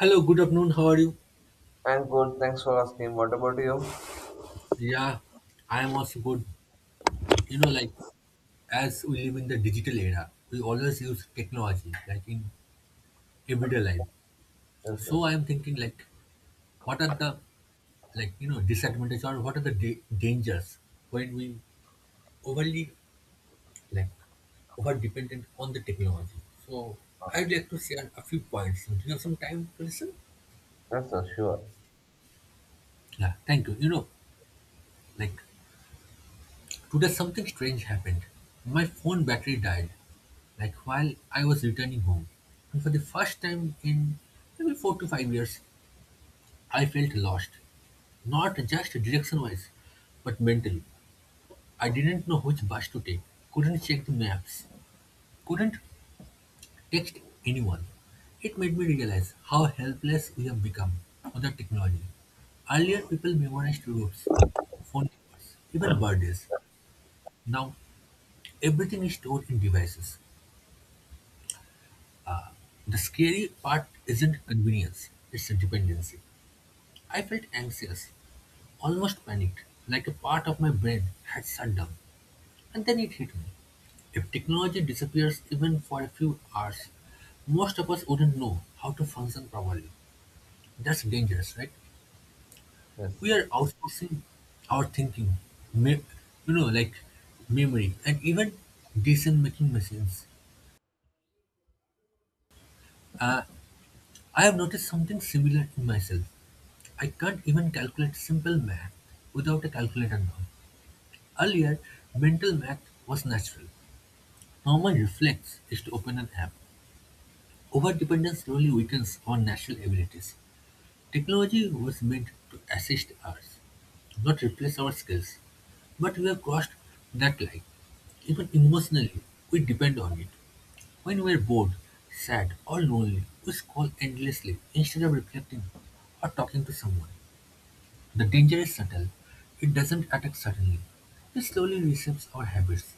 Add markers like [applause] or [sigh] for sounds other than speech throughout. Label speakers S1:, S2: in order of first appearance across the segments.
S1: Hello, good afternoon. How are you?
S2: And good, thanks for asking. What about you?
S1: Yeah, I am also good. Like as we live in the digital era, we always use technology, like in everyday life.
S2: Yes,
S1: So I
S2: yes.
S1: am thinking, like, what are the, like, disadvantages or what are the dangers when we overly, like, over dependent on the technology? So I'd like to share a few points. Do you have some time to listen?
S2: Yes, yes, sure.
S1: Yeah, thank you. Like today something strange happened. My phone battery died. Like, while I was returning home, and for the first time in maybe 4 to 5 years, I felt lost. Not just direction wise, but mentally. I didn't know which bus to take, couldn't check the maps, couldn't text anyone. It made me realize how helpless we have become under technology. Earlier, people memorized routes, phone numbers, even birthdays. Now, everything is stored in devices. The scary part isn't convenience, it's a dependency. I felt anxious, almost panicked, like a part of my brain had shut down. And then it hit me. If technology disappears even for a few hours, most of us wouldn't know how to function properly. That's dangerous, right?
S2: Yes,
S1: We are
S2: yes.
S1: outsourcing our thinking, me- like memory, and even decision making machines. Uh, I have noticed something similar in myself. I can't even calculate simple math without a calculator now. Earlier, mental math was natural. Normal reflex is to open an app. Overdependence slowly weakens our natural abilities. Technology was meant to assist us, not replace our skills. But we have crossed that line. Even emotionally, we depend on it. When we are bored, sad, or lonely, we scroll endlessly instead of reflecting or talking to someone. The danger is subtle. It doesn't attack suddenly. It slowly reshapes our habits,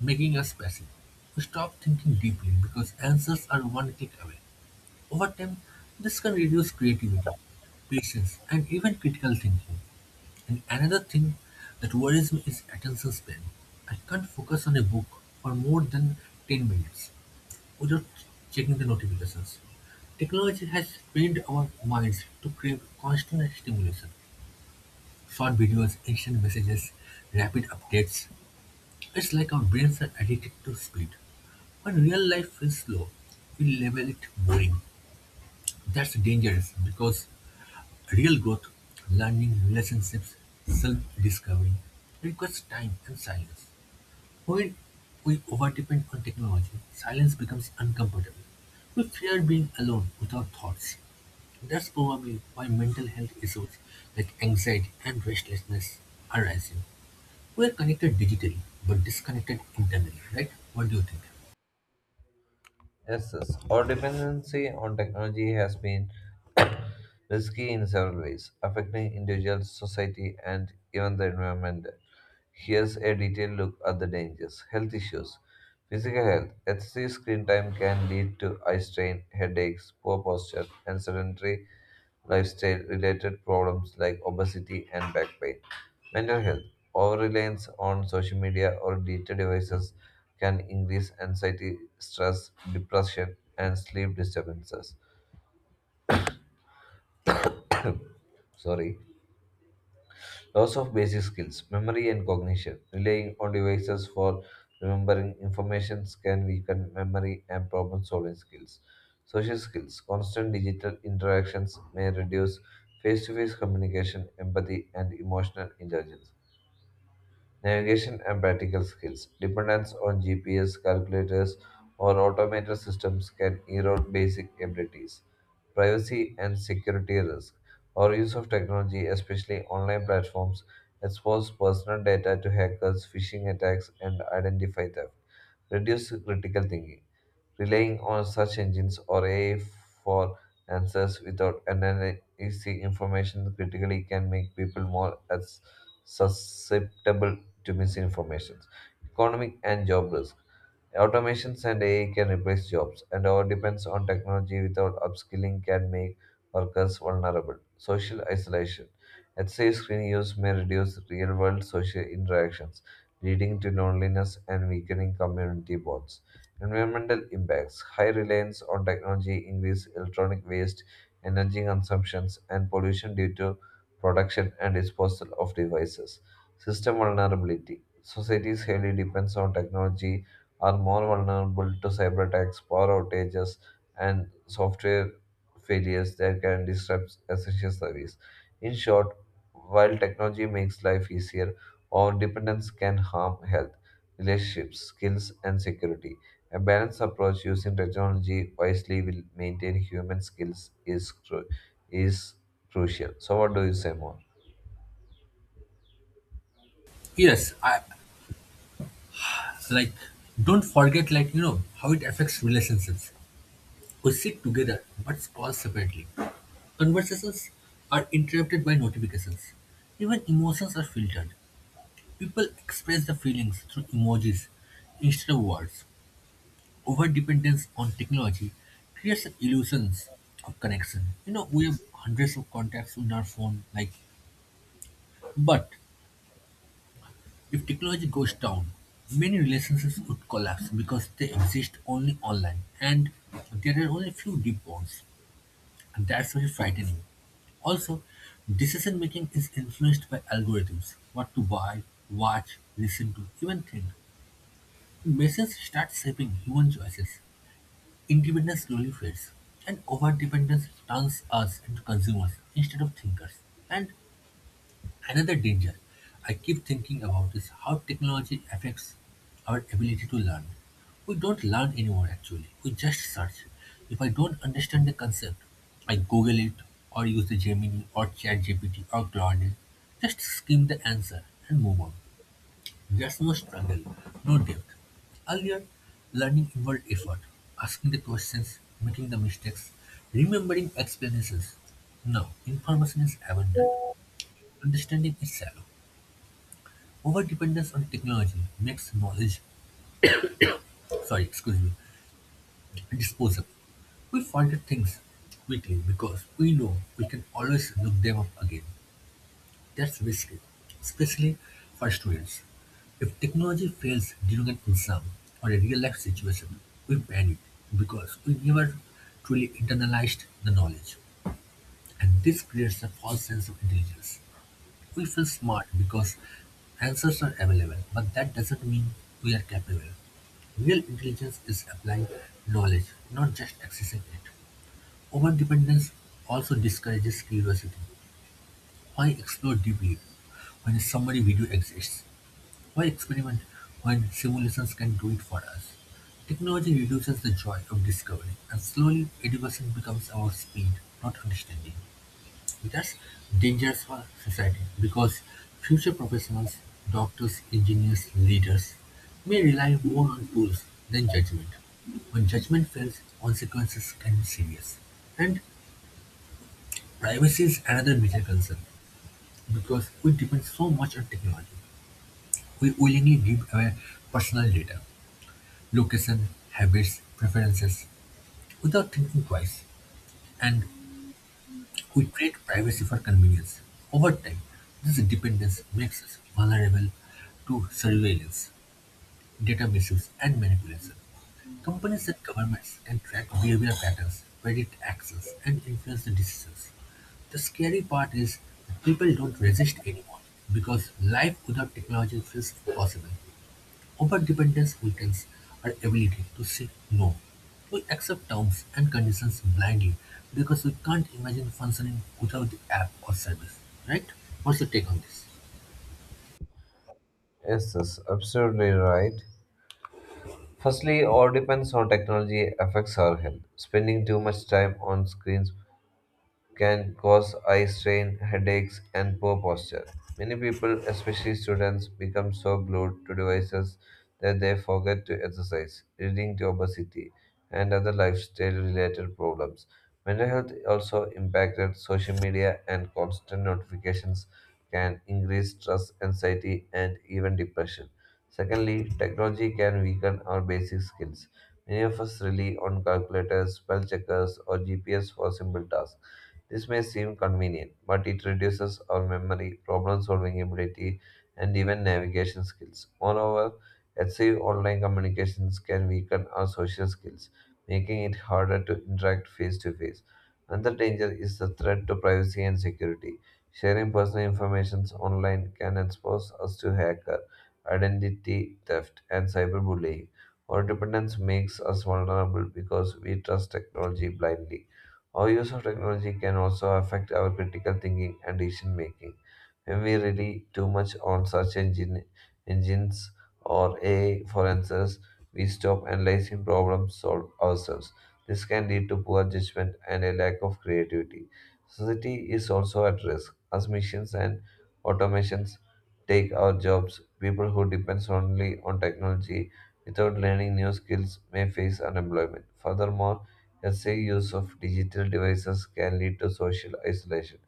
S1: making us passive. We stop thinking deeply because answers are one click away. Over time, this can reduce creativity, patience, and even critical thinking. And another thing that worries me is attention span. I can't focus on a book for more than 10 minutes without checking the notifications. Technology has trained our minds to crave constant stimulation. Short videos, instant messages, rapid updates. It's like our brains are addicted to speed. When real life feels slow, we label it boring. That's dangerous because real growth, learning, relationships, self-discovery, requires time and silence. When we overdepend on technology, silence becomes uncomfortable. We fear being alone with our thoughts. That's probably why mental health issues like anxiety and restlessness are rising. We are connected digitally, but disconnected internally, right? What do you think?
S2: Yes, yes. Our dependency on technology has been [coughs] risky in several ways, affecting individuals, society, and even the environment. Here's a detailed look at the dangers. Health issues. Physical health. Excessive screen time can lead to eye strain, headaches, poor posture, and sedentary lifestyle related problems like obesity and back pain. Mental health. Over reliance on social media or digital devices can increase anxiety, stress, depression, and sleep disturbances. Sorry. Loss of basic skills, memory and cognition. Relying on devices for remembering information can weaken memory and problem solving skills. Social skills, constant digital interactions may reduce face to face communication, empathy, and emotional intelligence. Navigation and practical skills. Dependence on GPS, calculators, or automated systems can erode basic abilities. Privacy and security risk. Our use of technology, especially online platforms, expose personal data to hackers, phishing attacks, and identity theft. Reduce critical thinking. Relying on search engines or AI for answers without analyzing information critically can make people more as susceptible to misinformation. Economic and job risk. Automations and AI can replace jobs, and our dependence on technology without upskilling can make workers vulnerable. Social isolation. Excessive screen use may reduce real world social interactions, leading to loneliness and weakening community bonds. Environmental impacts. High reliance on technology increase electronic waste, energy consumptions, and pollution due to production and disposal of devices. System vulnerability. Societies heavily depends on technology are more vulnerable to cyber attacks, power outages, and software failures that can disrupt essential service. In short, while technology makes life easier, our dependence can harm health, relationships, skills, and security. A balanced approach using technology wisely will maintain human skills is crucial. So, what do you say more?
S1: Yes, I, like, don't forget, like, how it affects relationships. We sit together but call separately. Conversations are interrupted by notifications. Even emotions are filtered. People express their feelings through emojis instead of words. Overdependence on technology creates an illusion of connection. We have hundreds of contacts in our phone, like, but if technology goes down, many relationships would collapse because they exist only online and there are only few deep bonds. And that's very frightening. Also, decision making is influenced by algorithms what to buy, watch, listen to, even think. Machines start shaping human choices. Independence slowly fades, and overdependence turns us into consumers instead of thinkers. And another danger I keep thinking about is how technology affects our ability to learn. We don't learn anymore actually, we just search. If I don't understand the concept, I Google it or use the Gemini or ChatGPT or Claude. Just skim the answer and move on. There's no struggle, no depth. Earlier, learning involved effort, asking the questions, making the mistakes, remembering explanations. Now, information is abundant, understanding is shallow. Overdependence on technology makes knowledge, sorry, excuse me, disposable. We forget things quickly because we know we can always look them up again. That's risky, especially for students. If technology fails during an exam or a real life situation, we panic because we never truly internalized the knowledge. And this creates a false sense of intelligence. We feel smart because answers are available, but that doesn't mean we are capable. Real intelligence is applying knowledge, not just accessing it. Overdependence also discourages curiosity. Why explore deeply when a summary video exists? Why experiment when simulations can do it for us? Technology reduces the joy of discovery, and slowly education becomes about speed, not understanding. That's dangerous for society because future professionals, doctors, engineers, leaders, may rely more on tools than judgment. When judgment fails, consequences can be serious. And privacy is another major concern because we depend so much on technology. We willingly give away personal data, location, habits, preferences without thinking twice. And we trade privacy for convenience. Over time, this dependence makes us vulnerable to surveillance, data misuse, and manipulation. Companies and governments can track behavior patterns, predict actions, and influence the decisions. The scary part is that people don't resist anymore because life without technology feels impossible. Overdependence weakens our ability to say no. We accept terms and conditions blindly because we can't imagine functioning without the app or service, right? What's your take on this?
S2: Yes, that's absolutely right. Firstly, all depends how technology affects our health. Spending too much time on screens can cause eye strain, headaches, and poor posture. Many people, especially students, become so glued to devices that they forget to exercise, leading to obesity and other lifestyle related problems. Mental health also impacted social media and constant notifications can increase stress, anxiety, and even depression. Secondly, technology can weaken our basic skills. Many of us rely on calculators, spell checkers, or GPS for simple tasks. This may seem convenient, but it reduces our memory, problem solving ability, and even navigation skills. Moreover, excessive online communications can weaken our social skills, making it harder to interact face to face. Another danger is the threat to privacy and security. Sharing personal information online can expose us to hacker, identity theft, and cyberbullying. Our dependence makes us vulnerable because we trust technology blindly. Our use of technology can also affect our critical thinking and decision making. When we rely too much on engines or AI for answers, we stop analyzing problems solved ourselves. This can lead to poor judgment and a lack of creativity. Society is also at risk as machines and automations take our jobs. People who depend solely on technology without learning new skills may face unemployment. Furthermore, excessive use of digital devices can lead to social isolation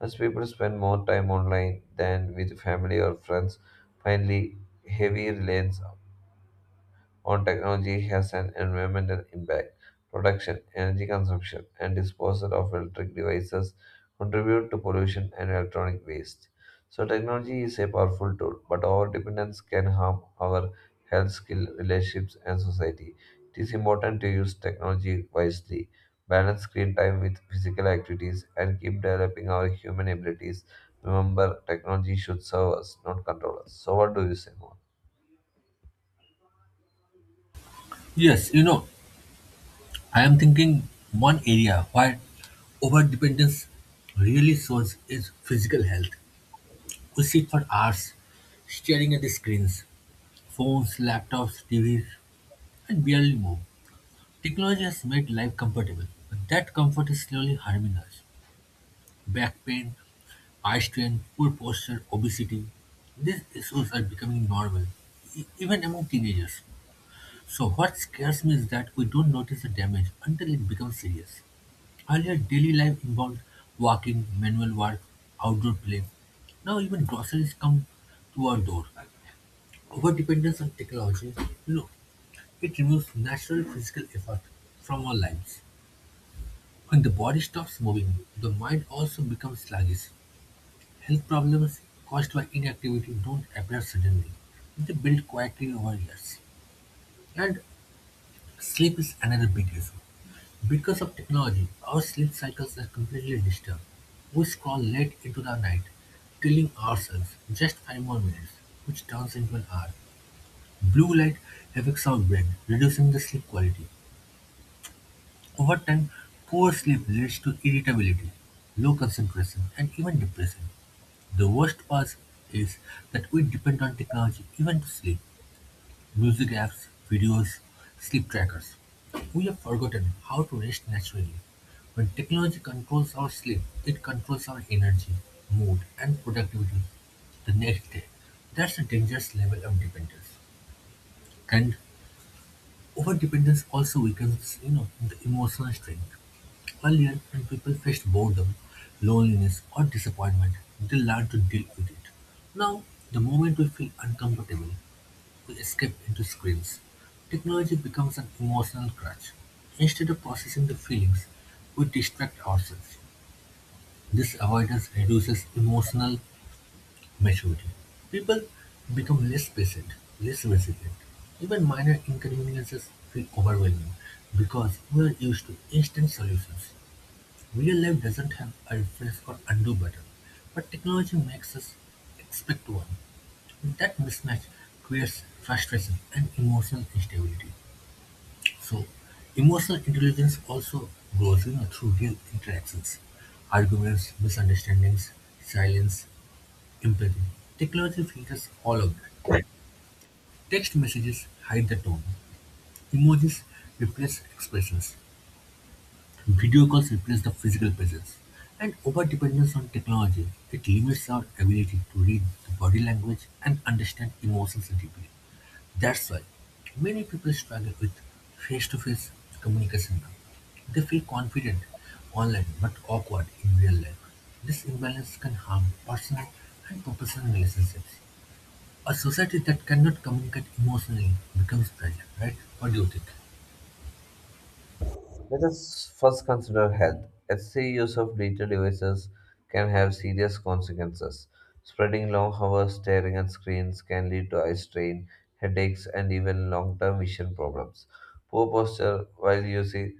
S2: as people spend more time online than with family or friends. Finally, heavy lanes on technology has an environmental impact. Production, energy consumption, and disposal of electric devices contribute to pollution and electronic waste. So, technology is a powerful tool, but our dependence can harm our health, skill, relationships, and society. It is important to use technology wisely, balance screen time with physical activities, and keep developing our human abilities. Remember, technology should serve us, not control us. So, what do you say more?
S1: Yes, I am thinking one area where overdependence really shows is physical health. We sit for hours staring at the screens, phones, laptops, TVs, and barely move. Technology has made life comfortable, but that comfort is slowly harming us. Back pain, eye strain, poor posture, obesity. These issues are becoming normal, even among teenagers. So, what scares me is that we don't notice the damage until it becomes serious. Earlier, daily life involved walking, manual work, outdoor play. Now, even groceries come to our door. Over dependence on technology, you know, it removes natural physical effort from our lives. When the body stops moving, the mind also becomes sluggish. Health problems caused by inactivity don't appear suddenly. They build quietly over years. And sleep is another big issue. Because of technology, our sleep cycles are completely disturbed. We scroll late into the night, telling ourselves just 5 more minutes, which turns into an hour. Blue light affects our brain, reducing the sleep quality. Over time, poor sleep leads to irritability, low concentration, and even depression. The worst part is that we depend on technology even to sleep. Music apps, videos, sleep trackers. We have forgotten how to rest naturally. When technology controls our sleep, it controls our energy, mood, and productivity the next day. That's a dangerous level of dependence. And overdependence also weakens, the emotional strength. Earlier, when people faced boredom, loneliness, or disappointment, they learned to deal with it. Now, the moment we feel uncomfortable, we escape into screens. Technology becomes an emotional crutch. Instead of processing the feelings, we distract ourselves. This avoidance reduces emotional maturity. People become less patient, less resilient. Even minor inconveniences feel overwhelming because we are used to instant solutions. Real life doesn't have a refresh or undo button, but technology makes us expect one. That mismatch creates frustration and emotional instability. So, emotional intelligence also grows through real interactions, arguments, misunderstandings, silence, empathy. Technology filters all of that. Text messages hide the tone. Emojis replace expressions. Video calls replace the physical presence, and overdependence on technology, it limits our ability to read the body language and understand emotions deeply. That's why many people struggle with face-to-face communication now. They feel confident online but awkward in real life. This imbalance can harm personal and professional relationships. A society that cannot communicate emotionally becomes fragile, right? What do you think?
S2: Let us first consider health. Excessive use of digital devices can have serious consequences. Spreading long hours staring at screens can lead to eye strain, headaches, and even long term vision problems. Poor posture while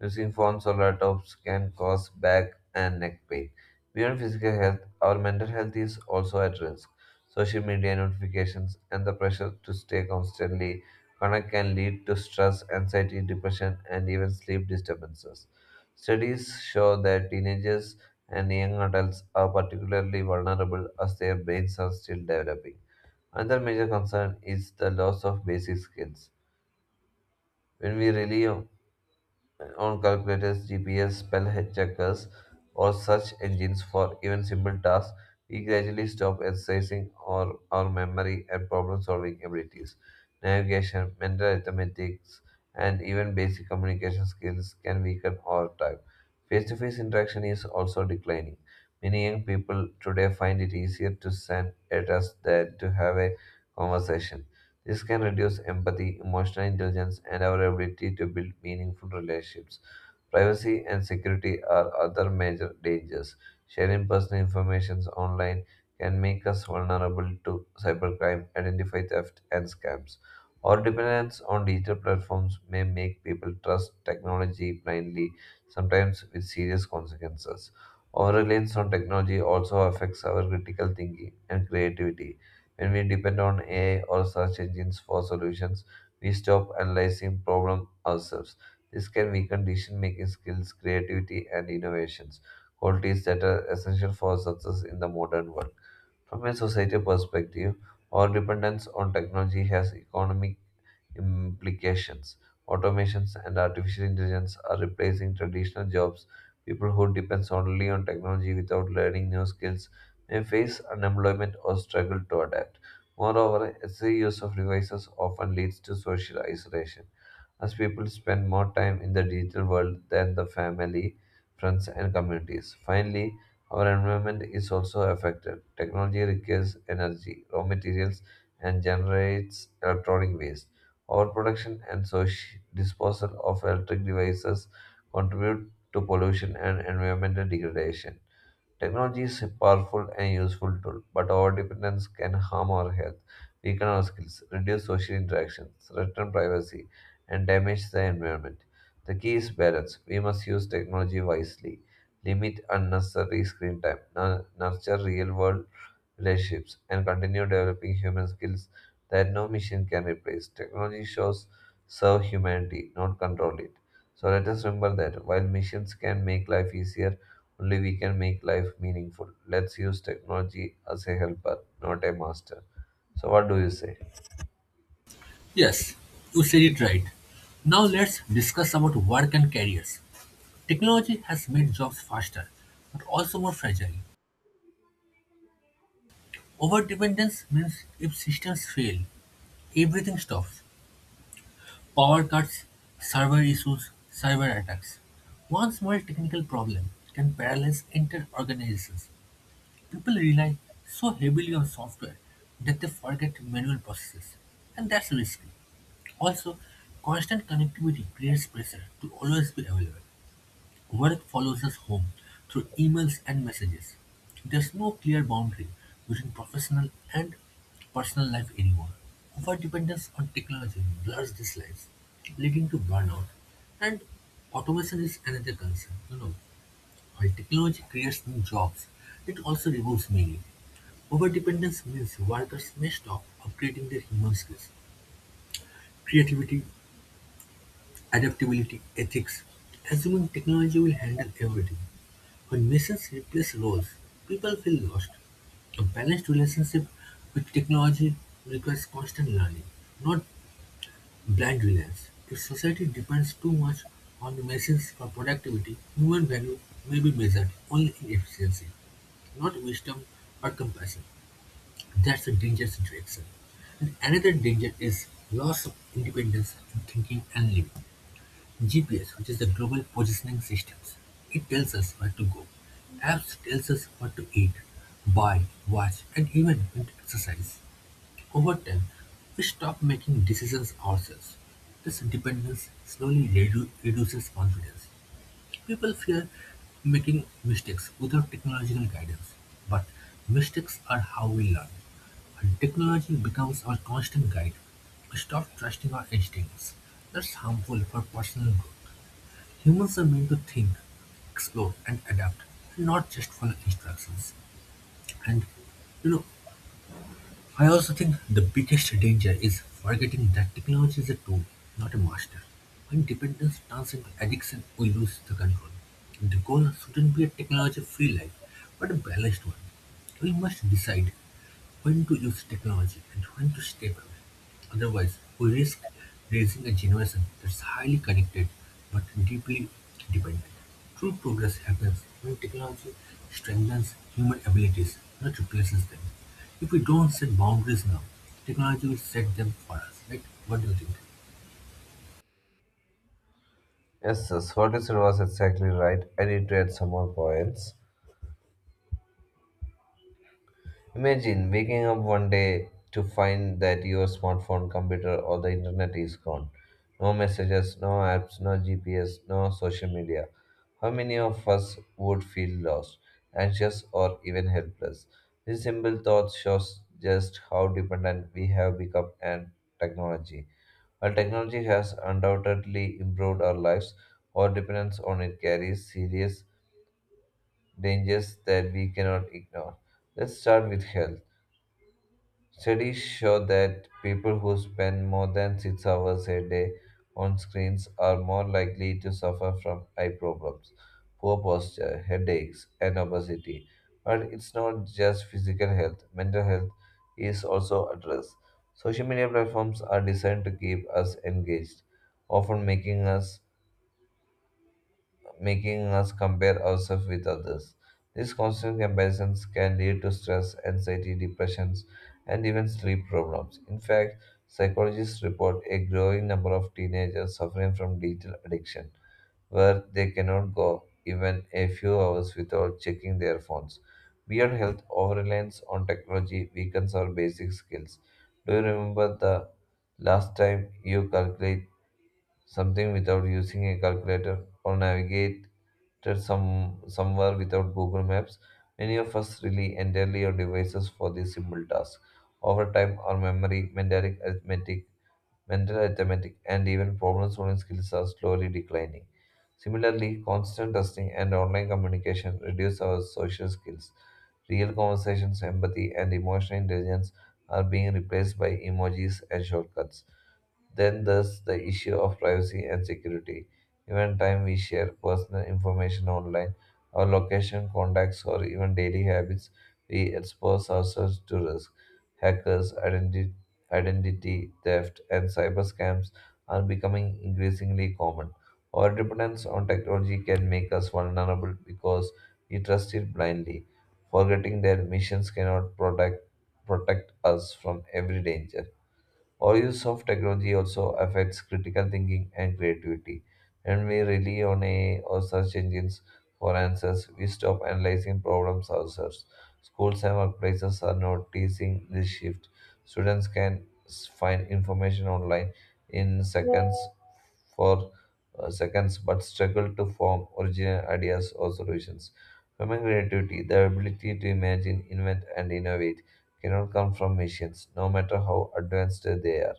S2: using phones or laptops can cause back and neck pain. Beyond physical health, our mental health is also at risk. Social media notifications and the pressure to stay constantly connected can lead to stress, anxiety, depression, and even sleep disturbances. Studies show that teenagers and young adults are particularly vulnerable as their brains are still developing. Another major concern is the loss of basic skills. When we rely on calculators, GPS, spell checkers, or search engines for even simple tasks, we gradually stop exercising our memory and problem solving abilities. Navigation, mental arithmetics, and even basic communication skills can weaken over time. Face to face interaction is also declining. Many young people today find it easier to send a text than to have a conversation. This can reduce empathy, emotional intelligence, and our ability to build meaningful relationships. Privacy and security are other major dangers. Sharing personal information online can make us vulnerable to cybercrime, identify theft, and scams. Our dependence on digital platforms may make people trust technology blindly, sometimes with serious consequences. Our reliance on technology also affects our critical thinking and creativity. When we depend on AI or search engines for solutions, we stop analyzing problems ourselves. This can weaken decision making skills, creativity, and innovations, qualities that are essential for success in the modern world. From a societal perspective, our dependence on technology has economic implications. Automations and artificial intelligence are replacing traditional jobs. People who depend solely on technology without learning new skills may face unemployment or struggle to adapt. Moreover, excessive use of devices often leads to social isolation as people spend more time in the digital world than the family, friends, and communities. Finally, our environment is also affected. Technology requires energy, raw materials, and generates electronic waste. Overproduction and social disposal of electric devices contribute to pollution and environmental degradation. Technology is a powerful and useful tool, but our dependence can harm our health, weaken our skills, reduce social interaction, threaten privacy, and damage the environment. The key is balance. We must use technology wisely, limit unnecessary screen time, nurture real world relationships, and continue developing human skills that no machine can replace. Technology shows serve humanity, not control it. So let us remember that while machines can make life easier, only we can make life meaningful. Let's use technology as a helper, not a master. So, what do you say?
S1: Yes, you said it right. Now let's discuss about work and careers. Technology has made jobs faster, but also more fragile. Overdependence means if systems fail, everything stops. Power cuts, server issues, cyber attacks. One small technical problem can paralyze entire organizations. People rely so heavily on software that they forget manual processes, and that's risky. Also, constant connectivity creates pressure to always be available. Work follows us home through emails and messages. There's no clear boundary between professional and personal life anymore. Overdependence on technology blurs these lines, leading to burnout. And automation is another concern. While technology creates new jobs, it also removes many. Overdependence means workers may stop upgrading their human skills, creativity, adaptability, ethics, assuming technology will handle everything. When missions replace roles, people feel lost. A balanced relationship with technology requires constant learning, not blind reliance. If society depends too much on the machines for productivity, human value may be measured only in efficiency, not wisdom or compassion. That's a dangerous direction. And another danger is loss of independence in thinking and living. GPS, which is the global positioning systems, it tells us where to go. Apps tells us what to eat, buy, watch and even when to exercise. Over time, we stop making decisions ourselves. This dependence slowly reduces confidence. People fear making mistakes without technological guidance, but mistakes are how we learn. And technology becomes our constant guide. We stop trusting our instincts. That's harmful for personal growth. Humans are meant to think, explore, and adapt, not just follow instructions. And you know, I also think the biggest danger is forgetting that technology is a tool, not a master. When dependence turns into addiction, we lose the control. The goal shouldn't be a technology-free life, but a balanced one. We must decide when to use technology and when to step away. Otherwise, we risk raising a generation that's highly connected but deeply dependent. True progress happens when technology strengthens human abilities, not replaces them. If we don't set boundaries now, technology will set them for us, right? What do you think?
S2: Yes, yes, what you said was exactly right. I need to add some more points. Imagine waking up one day to find that your smartphone, computer, or the internet is gone. No messages, no apps, no GPS, no social media. How many of us would feel lost, anxious, or even helpless? This simple thought shows just how dependent we have become on technology. While technology has undoubtedly improved our lives, our dependence on it carries serious dangers that we cannot ignore. Let's start with health. Studies show that people who spend more than 6 hours a day on screens are more likely to suffer from eye problems, poor posture, headaches, and obesity. But it's not just physical health, mental health is also addressed. Social media platforms are designed to keep us engaged, often making us compare ourselves with others. These constant comparisons can lead to stress, anxiety, depressions, and even sleep problems. In fact, psychologists report a growing number of teenagers suffering from digital addiction, where they cannot go even a few hours without checking their phones. Beyond health, overreliance on technology weakens our basic skills. Do you remember the last time you calculated something without using a calculator, or navigate somewhere without Google Maps? Many of us rely entirely on devices for this simple task. Over time, our memory, mental arithmetic, and even problem-solving skills are slowly declining. Similarly, constant testing and online communication reduce our social skills. Real conversations, empathy, and emotional intelligence are being replaced by emojis and shortcuts. Then there's the issue of privacy and security. Even time we share personal information online, our location, contacts, or even daily habits, we expose ourselves to risk. Hackers, identity theft, and cyber scams are becoming increasingly common. Our dependence on technology can make us vulnerable because we trust it blindly, forgetting that missions cannot protect us from every danger. Overuse of technology also affects critical thinking and creativity. When we rely on AI or search engines for answers, we stop analyzing problems ourselves. Schools and workplaces are noticing this shift. Students can find information online in seconds for seconds, but struggle to form original ideas or solutions. Human creativity, the ability to imagine, invent, and innovate, cannot come from machines, no matter how advanced they are.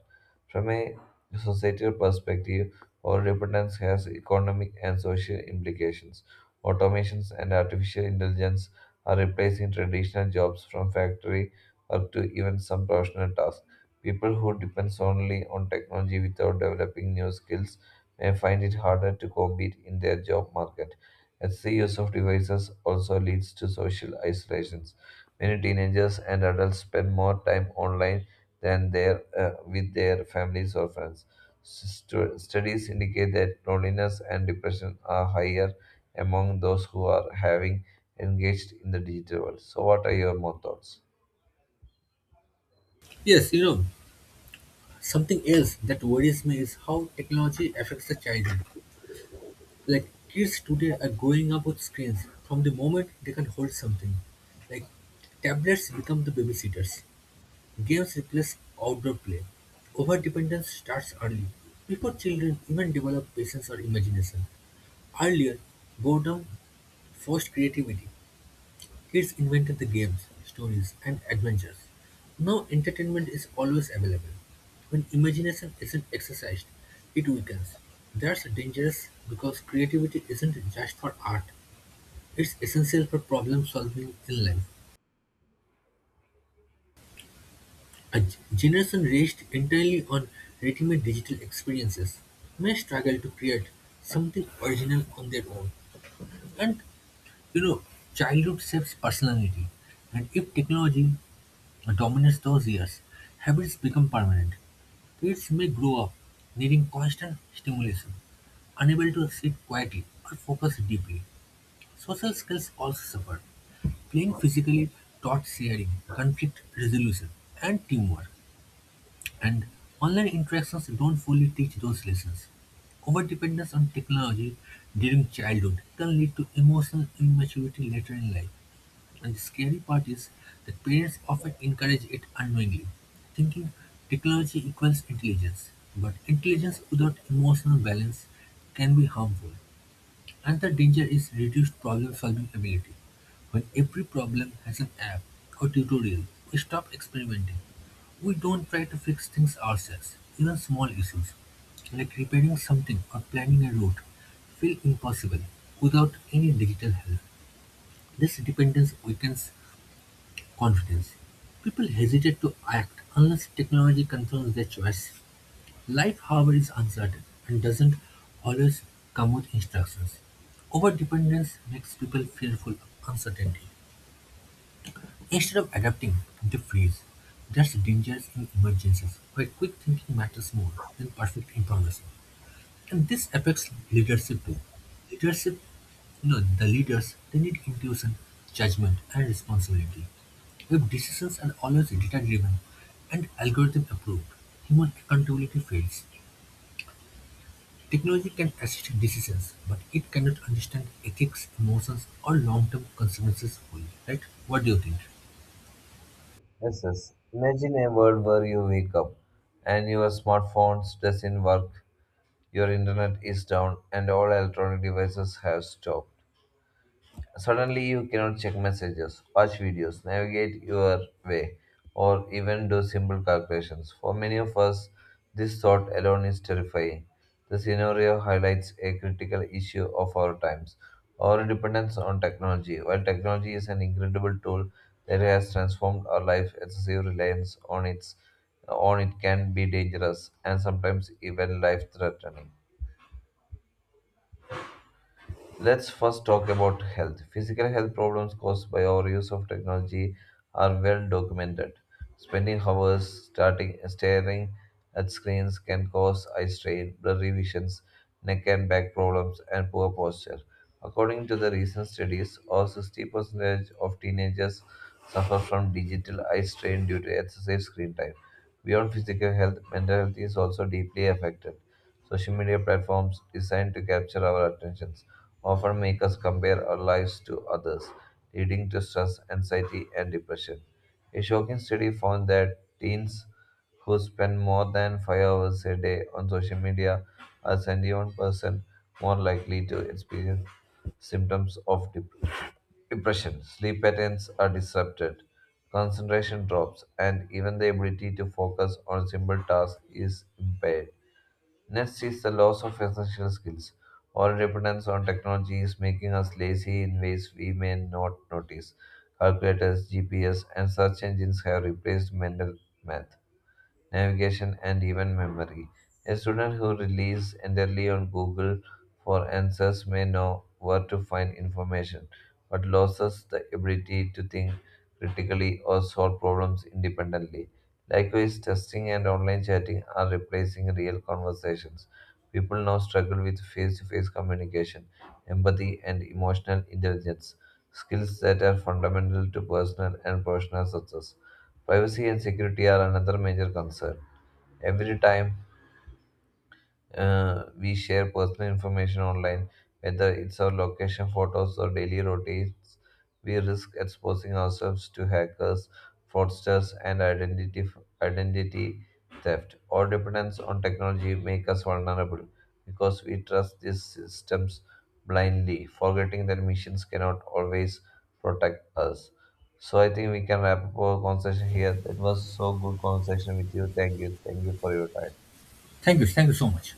S2: From a societal perspective, our dependence has economic and social implications. Automations and artificial intelligence are replacing traditional jobs, from factory work to even some professional tasks. People who depend solely on technology without developing new skills may find it harder to compete in their job market, as the use of devices also leads to social isolations. Many teenagers and adults spend more time online than with their families or friends. Studies indicate that loneliness and depression are higher among those who are having engaged in the digital world. So, what are your more thoughts?
S1: Yes, something else that worries me is how technology affects the children. Like kids today are growing up with screens from the moment they can hold something. Like tablets become the babysitters. Games replace outdoor play; overdependence starts early, before children even develop patience or imagination. Earlier, boredom forced creativity. Kids invented the games, stories, and adventures. Now entertainment is always available. When imagination isn't exercised, it weakens. That's dangerous because creativity isn't just for art, it's essential for problem solving in life. A generation raised entirely on ready-made digital experiences may struggle to create something original on their own. And you know, childhood shapes personality. And if technology dominates those years, habits become permanent. Kids may grow up needing constant stimulation, unable to sit quietly or focus deeply. Social skills also suffer. Playing physically taught sharing, conflict resolution, and teamwork. And online interactions don't fully teach those lessons. Overdependence on technology during childhood can lead to emotional immaturity later in life. And the scary part is that parents often encourage it unknowingly, thinking technology equals intelligence. But intelligence without emotional balance can be harmful. Another danger is reduced problem-solving ability. When every problem has an app or tutorial, we stop experimenting. We don't try to fix things ourselves. Even small issues, like repairing something or planning a route, feel impossible without any digital help. This dependence weakens confidence. People hesitate to act unless technology confirms their choice. Life however is uncertain, and doesn't always come with instructions. Overdependence makes people fearful of uncertainty. Instead of adapting, they freeze. That's dangerous in emergencies, where quick thinking matters more than perfect information. And this affects leadership too. Leadership, the leaders, they need intuition, judgment, and responsibility. If decisions are always data driven and algorithm approved, human accountability fails. Technology can assist decisions, but it cannot understand ethics, emotions, or long-term consequences fully, right? What do you think?
S2: Yes, yes. Imagine a world where you wake up and your smartphone doesn't work, your internet is down, and all electronic devices have stopped. Suddenly, you cannot check messages, watch videos, navigate your way, or even do simple calculations. For many of us, this thought alone is terrifying. The scenario highlights a critical issue of our times: our dependence on technology. While technology is an incredible tool that has transformed our life, excessive reliance on its on it can be dangerous and sometimes even life threatening. Let's first talk about health. Physical health problems caused by our use of technology are well documented. Spending hours staring at screens can cause eye strain, blurry visions, neck and back problems, and poor posture. According to the recent studies, over 60% of teenagers suffer from digital eye strain due to excessive screen time. Beyond physical health, mental health is also deeply affected. Social media platforms designed to capture our attentions often make us compare our lives to others, leading to stress, anxiety, and depression. A shocking study found that teens who spend more than 5 hours a day on social media are 71% more likely to experience symptoms of depression. Sleep patterns are disrupted, concentration drops, and even the ability to focus on simple tasks is impaired. Next is the loss of essential skills. Our dependence on technology is making us lazy in ways we may not notice. Calculators, GPS, and search engines have replaced mental math, navigation, and even memory. A student who relies entirely on Google for answers may know where to find information, but loses the ability to think critically or solve problems independently. Likewise, testing and online chatting are replacing real conversations. People now struggle with face to face communication, empathy, and emotional intelligence, skills that are fundamental to personal and professional success. Privacy and security are another major concern. Every time we share personal information online, whether it's our location photos or daily routines, we risk exposing ourselves to hackers, fraudsters, and identity theft. Our dependence on technology make us vulnerable because we trust these systems blindly, forgetting that missions cannot always protect us. So I think we can wrap up our conversation here. It was so good conversation with you. Thank you. Thank you for your time.
S1: Thank you. Thank you so much.